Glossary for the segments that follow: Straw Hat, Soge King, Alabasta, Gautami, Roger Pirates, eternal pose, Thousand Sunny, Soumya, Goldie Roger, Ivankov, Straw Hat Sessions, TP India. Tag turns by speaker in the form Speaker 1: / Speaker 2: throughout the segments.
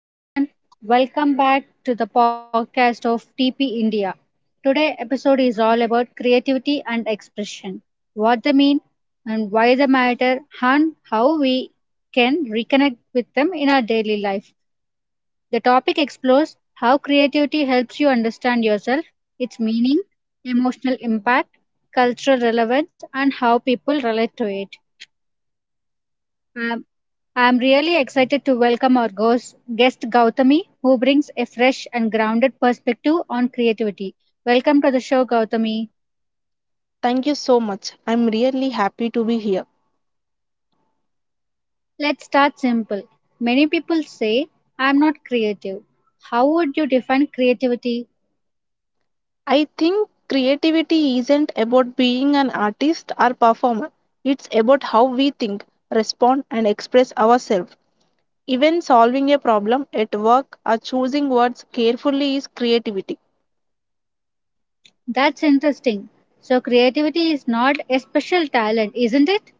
Speaker 1: Hello everyone, welcome back to the podcast of TP India. Today episode is all about creativity and expression, what they mean and why they matter and how we can reconnect with them in our daily life. The topic explores how creativity helps you understand yourself, its meaning, emotional impact, cultural relevance and how people relate to it. Um, I'm really excited to welcome our guest Gautami, who brings a fresh and grounded perspective on creativity. Welcome to the show, Gautami.
Speaker 2: Thank you so much. I'm really happy to be here.
Speaker 1: Let's start simple. Many people say, I'm not creative. How would you define creativity?
Speaker 2: I think creativity isn't about being an artist or performer, it's about how we think, respond, and express ourselves. Even solving a problem at work or choosing words carefully is creativity.
Speaker 1: That's interesting. So, creativity is not a special talent, isn't it?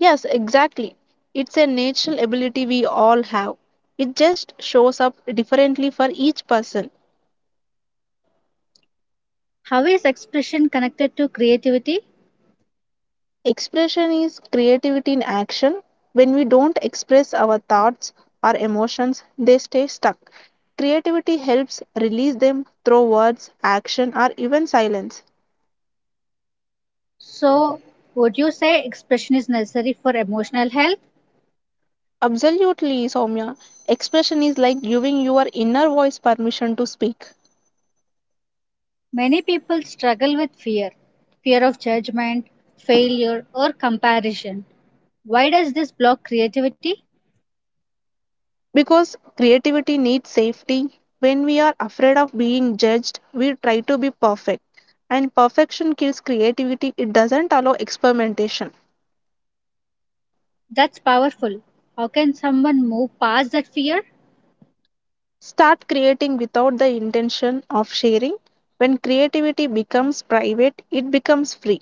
Speaker 2: Yes, exactly. It's a natural ability we all have. It just shows up differently for each person.
Speaker 1: How is expression connected to creativity?
Speaker 2: Expression is creativity in action. When we don't express our thoughts or emotions, they stay stuck. Creativity helps release them through words, action, or even silence.
Speaker 1: So, would you say expression is necessary for emotional health?
Speaker 2: Absolutely, Soumya. Expression is like giving your inner voice permission to speak.
Speaker 1: Many people struggle with fear of judgment, failure, or comparison. Why does this block creativity?
Speaker 2: Because creativity needs safety. When we are afraid of being judged, we try to be perfect. And perfection kills creativity, it doesn't allow experimentation.
Speaker 1: That's powerful. How can someone move past that fear?
Speaker 2: Start creating without the intention of sharing. When creativity becomes private, it becomes free.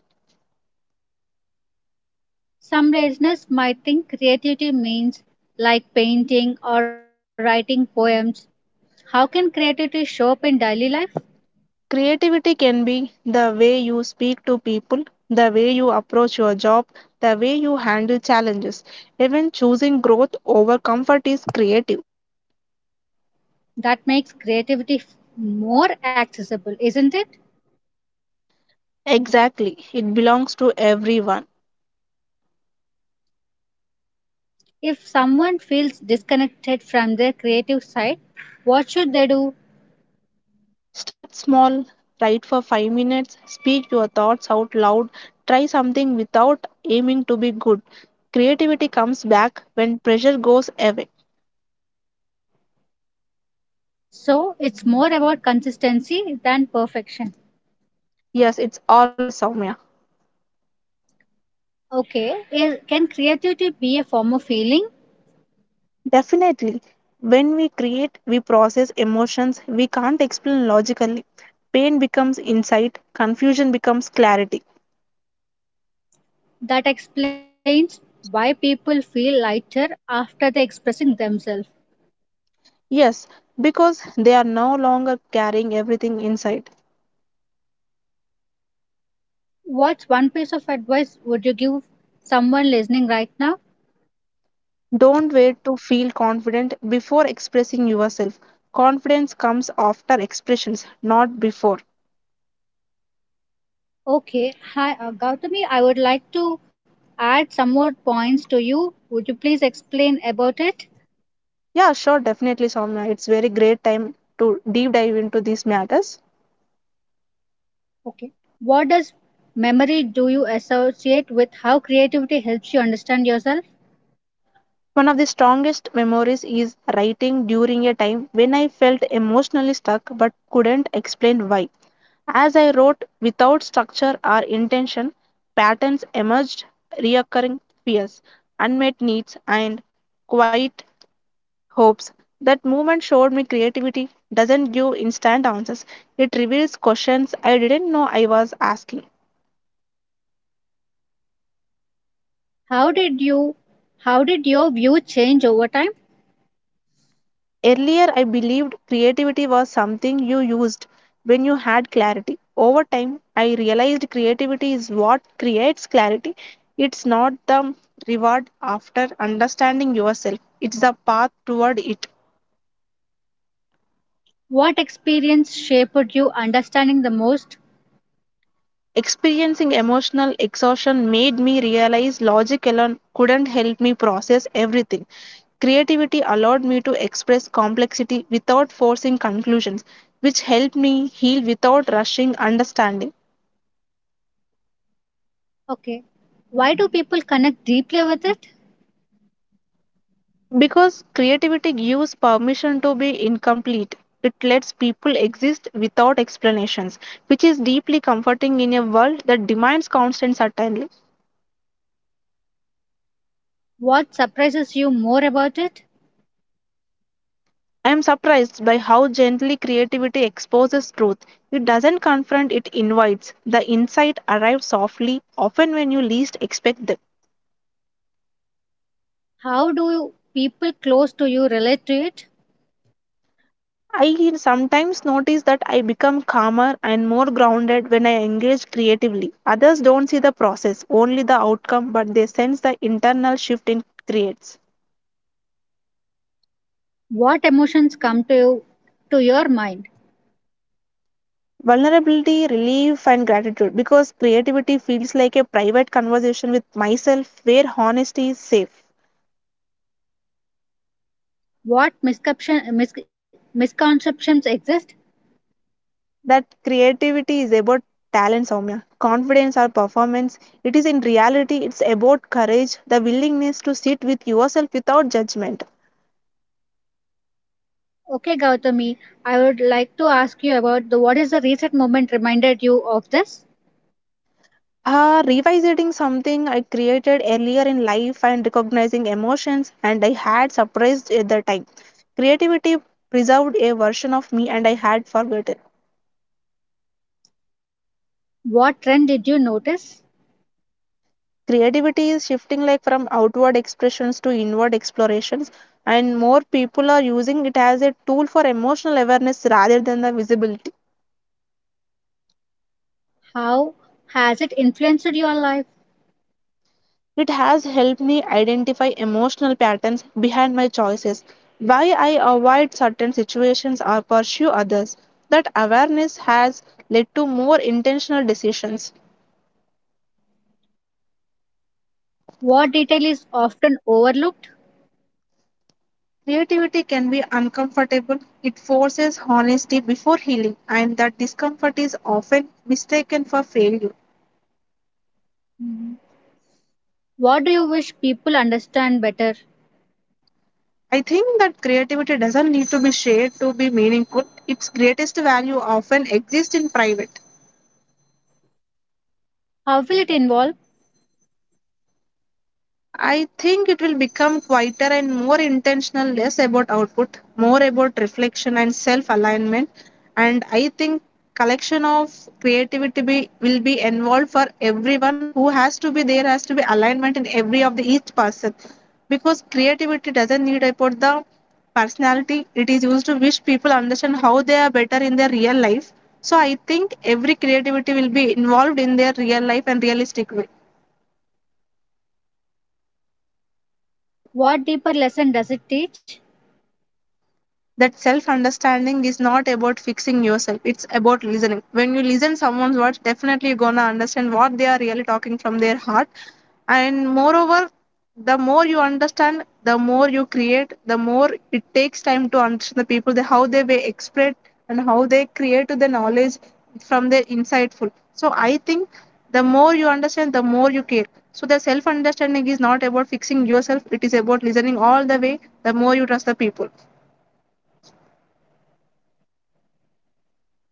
Speaker 1: Some listeners might think creativity means like painting or writing poems. How can creativity show up in daily life?
Speaker 2: Creativity can be the way you speak to people, the way you approach your job, the way you handle challenges. Even choosing growth over comfort is creative.
Speaker 1: That makes more accessible, isn't it?
Speaker 2: Exactly, it belongs to everyone.
Speaker 1: If someone feels disconnected from their creative side, what should they do?
Speaker 2: Start small, write for 5 minutes, speak your thoughts out loud, try something without aiming to be good. Creativity comes back when pressure goes away.
Speaker 1: So it's more about consistency than perfection.
Speaker 2: Yes, it's always Soumya.
Speaker 1: Okay, can creativity be a form of healing?
Speaker 2: Definitely. When we create, we process emotions we can't explain logically. Pain becomes insight, confusion becomes clarity.
Speaker 1: That explains why people feel lighter after they expressing themselves.
Speaker 2: Yes, because they are no longer carrying everything inside.
Speaker 1: What's one piece of advice would you give someone listening right now?
Speaker 2: Don't wait to feel confident before expressing yourself. Confidence comes after expressions, not before.
Speaker 1: Okay, hi Gautami, I would like to add some more points to you. Would you please explain about it?
Speaker 2: Yeah, sure, definitely, Soumya. It's very great time to deep dive into these matters.
Speaker 1: Okay, what does memory do you associate with how creativity helps you understand yourself?
Speaker 2: One of the strongest memories is writing during a time when I felt emotionally stuck but couldn't explain why. As I wrote without structure or intention, patterns emerged, reoccurring fears, unmet needs, and quiet hopes. That movement showed me creativity doesn't give instant answers, it reveals questions I didn't know I was asking.
Speaker 1: How did you how did your view change over time?
Speaker 2: Earlier, I believed creativity was something you used when you had clarity. Over time, I realized creativity is what creates clarity. It's not the reward after understanding yourself, it's the path toward it.
Speaker 1: What experience shaped you understanding the most?
Speaker 2: Experiencing emotional exhaustion made me realize logic alone couldn't help me process everything. Creativity allowed me to express complexity without forcing conclusions, which helped me heal without rushing understanding.
Speaker 1: Okay. Why do people connect deeply with it?
Speaker 2: Because creativity gives permission to be incomplete, it lets people exist without explanations, which is deeply comforting in a world that demands constant certainty.
Speaker 1: What surprises you more about it?
Speaker 2: I am surprised by how gently creativity exposes truth. It doesn't confront, it invites. The insight arrives softly, often when you least expect it.
Speaker 1: How do people close to you relate to it?
Speaker 2: I sometimes notice that I become calmer and more grounded when I engage creatively. Others don't see the process, only the outcome, but they sense the internal shift it creates.
Speaker 1: What emotions come to you to your mind?
Speaker 2: Vulnerability, relief, and gratitude because creativity feels like a private conversation with myself where honesty is safe.
Speaker 1: What misconceptions exist?
Speaker 2: That creativity is about talent, Soumya. Confidence or performance. It is in reality, it's about courage, the willingness to sit with yourself without judgment.
Speaker 1: Okay, Gautami, I would like to ask you about the what is the recent moment reminded you of this?
Speaker 2: Revisiting something I created earlier in life and recognizing emotions, and I had surprised at the time. Creativity preserved a version of me and I had forgotten.
Speaker 1: What trend did you notice?
Speaker 2: Creativity is shifting like from outward expressions to inward explorations, and more people are using it as a tool for emotional awareness rather than the visibility.
Speaker 1: How has it influenced your life?
Speaker 2: It has helped me identify emotional patterns behind my choices, why I avoid certain situations or pursue others. That awareness has led to more intentional decisions.
Speaker 1: What detail is often overlooked?
Speaker 2: Creativity can be uncomfortable, it forces honesty before healing, and that discomfort is often mistaken for failure.
Speaker 1: What do you wish people understand better?
Speaker 2: I think that creativity doesn't need to be shared to be meaningful. Its greatest value often exists in private.
Speaker 1: How will it involve?
Speaker 2: I think it will become quieter and more intentional, less about output, more about reflection and self alignment. And I think collection of creativity will be involved for everyone who has to be there, has to be alignment in every of the each person, because creativity doesn't need about the personality, it is used to wish people understand how they are better in their real life. So I think every creativity will be involved in their real life and realistic way.
Speaker 1: What deeper lesson does it teach?
Speaker 2: That self understanding is not about fixing yourself, it's about listening. When you listen someone's words, definitely you're gonna understand what they are really talking from their heart. And moreover, the more you understand, the more you create, the more it takes time to understand the people, how they were expressed and how they create the knowledge from their insightful. So I think the more you understand, the more you care. So the self understanding is not about fixing yourself, it is about listening all the way, the more you trust the people.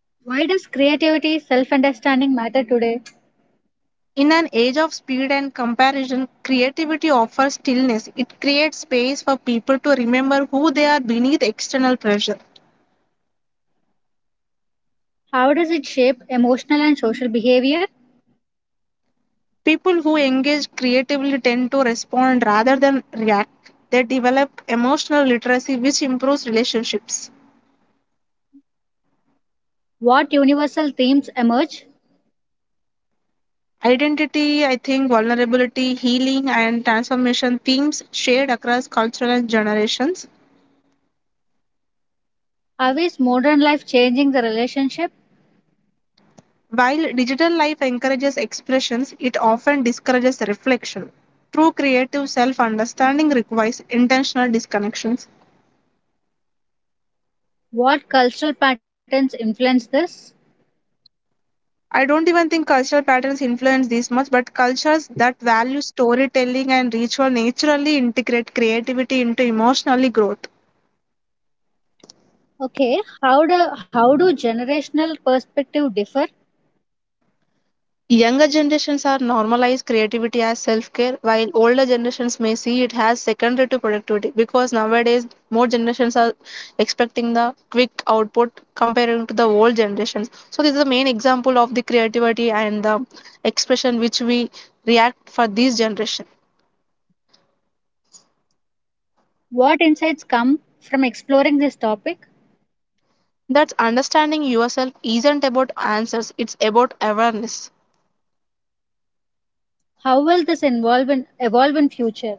Speaker 1: Why does creativity, self understanding matter today?
Speaker 2: In an age of speed and comparison, creativity offers stillness. It creates space for people to remember who they are beneath external pressure.
Speaker 1: How does it shape emotional and social behavior?
Speaker 2: People who engage creatively tend to respond rather than react. They develop emotional literacy, which improves relationships.
Speaker 1: What universal themes emerge?
Speaker 2: Identity, I think, vulnerability, healing, and transformation themes shared across cultural and generations.
Speaker 1: How is modern life changing the relationship?
Speaker 2: While digital life encourages expressions, it often discourages reflection. True creative self understanding requires intentional disconnections.
Speaker 1: What cultural patterns influence this?
Speaker 2: I don't even think cultural patterns influence this much, but cultures that value storytelling and ritual naturally integrate creativity into emotionally growth.
Speaker 1: Okay, how do generational perspective differ?
Speaker 2: Younger generations are normalized creativity as self care, while older generations may see it as secondary to productivity, because nowadays more generations are expecting the quick output comparing to the old generations. So, this is the main example of the creativity and the expression which we react for this generation.
Speaker 1: What insights come from exploring this topic?
Speaker 2: That's understanding yourself isn't about answers, it's about awareness.
Speaker 1: How will this evolve in future?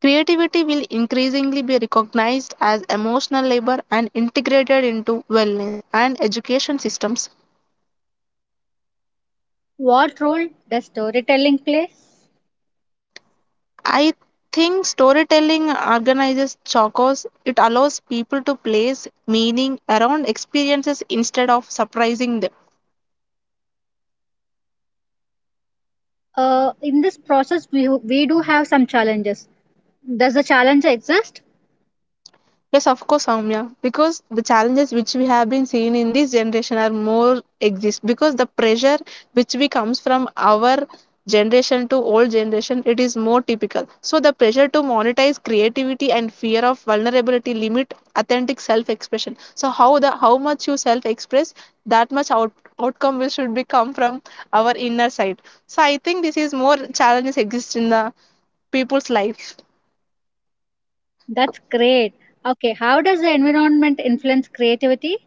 Speaker 2: Creativity will increasingly be recognized as emotional labor and integrated into wellness and education systems.
Speaker 1: What role does storytelling play?
Speaker 2: I think storytelling organizes chocos. It allows people to place meaning around experiences instead of surprising them.
Speaker 1: In this process, we do have some challenges. Does the challenge exist?
Speaker 2: Yes, of course, Soumya. Because the challenges which we have been seeing in this generation are more exist, because the pressure which we comes from our generation to old generation it is more typical, so the pressure to monetize creativity and fear of vulnerability limit authentic self expression. So how the how much you self express, that much outcome will should be come from our inner side. So I think this is more challenges exist in the people's life.
Speaker 1: That's great. Okay, how does the environment influence creativity?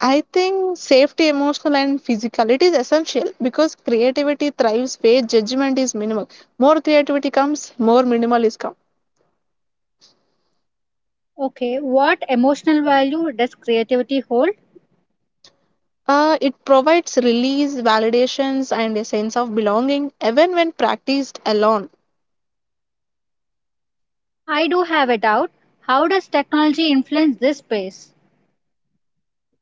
Speaker 2: I think safety, emotional, and physical. It is essential because creativity thrives where judgment is minimal. More creativity comes, more minimal is come.
Speaker 1: Okay, what emotional value does creativity hold?
Speaker 2: It provides release, validations, and a sense of belonging, even when practiced alone.
Speaker 1: I do have a doubt. How does technology influence this space?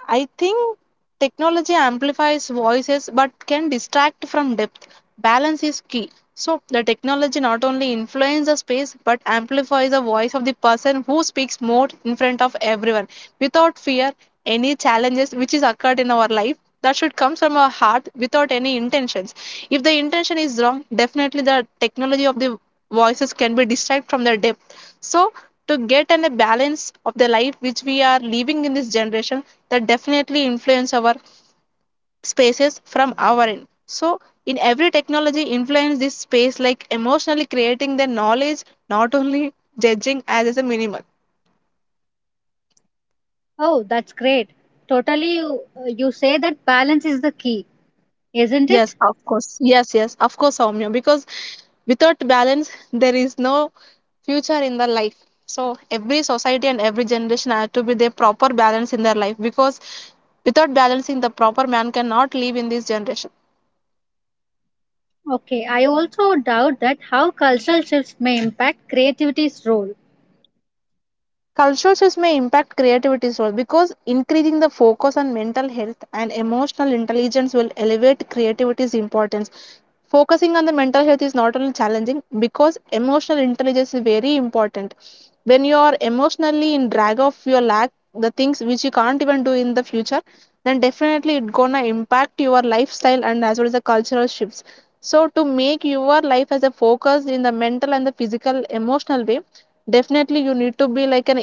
Speaker 2: I think technology amplifies voices but can distract from depth. Balance is key. So, the technology not only influences the space but amplifies the voice of the person who speaks more in front of everyone without fear. Any challenges which is occurred in our life, that should come from our heart without any intentions. If the intention is wrong, definitely the technology of the voices can be distracted from their depth. So, to get and a balance of the life which we are living in this generation, that definitely influence our spaces from our end. So in every technology influence this space like emotionally creating the knowledge, not only judging as a minimal.
Speaker 1: Oh, that's great. Totally, you, you say that balance is the key, isn't it?
Speaker 2: Yes, of course. Yes, yes, of course, Soumya. Because without balance there is no future in the life. So every society and every generation has to be their proper balance in their life, because without balancing the proper man cannot live in this generation.
Speaker 1: Okay, I also doubt that how cultural shifts may impact creativity's role.
Speaker 2: Cultural shifts may impact creativity as well, because increasing the focus on mental health and emotional intelligence will elevate creativity's importance. Focusing on the mental health is not only challenging because emotional intelligence is very important. When you are emotionally in drag of your lack, the things which you can't even do in the future, then definitely it gonna impact your lifestyle and as well as the cultural shifts. So to make your life as a focus in the mental and the physical emotional way, definitely you need to be like an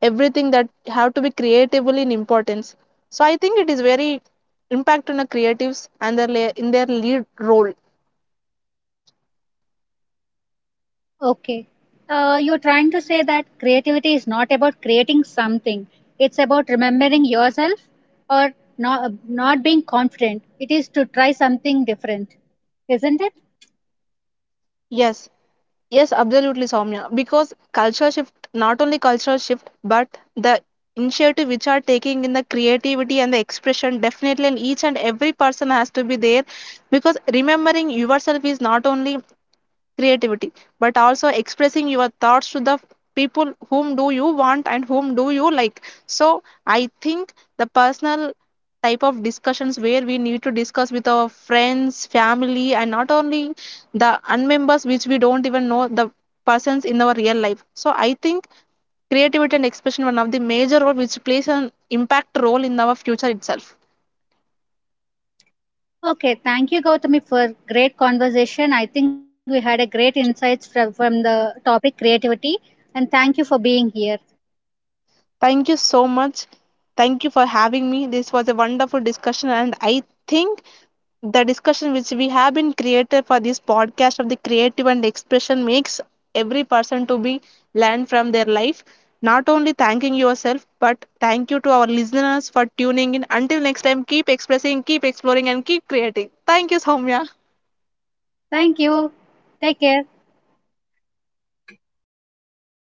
Speaker 2: everything that have to be creatively in importance. So I think it is very impact on the creatives and their in their lead role.
Speaker 1: Okay, you're trying to say that creativity is not about creating something, it's about remembering yourself or not being confident. It is to try something different, isn't it?
Speaker 2: Yes, yes, absolutely, Soumya. Because culture shift, not only cultural shift, but the initiative which are taking in the creativity and the expression, definitely, and each and every person has to be there. Because remembering yourself is not only creativity but also expressing your thoughts to the people whom do you want and whom do you like. So I think the personal type of discussions where we need to discuss with our friends family and not only the unmembers which we don't even know the persons in our real life. So I think creativity and expression one of the major role which plays an impact role in our future itself.
Speaker 1: Okay, thank you, Gautami, for great conversation. I think we had a great insights from the topic creativity, and thank you for being here.
Speaker 2: Thank you so much. Thank you for having me. This was a wonderful discussion, and I think the discussion which we have been created for this podcast of the creative and expression makes every person to be learn from their life. Not only thanking yourself, but thank you to our listeners for tuning in. Until next time, keep expressing, keep exploring, and keep creating. Thank you, Soumya.
Speaker 1: Thank you. Take care.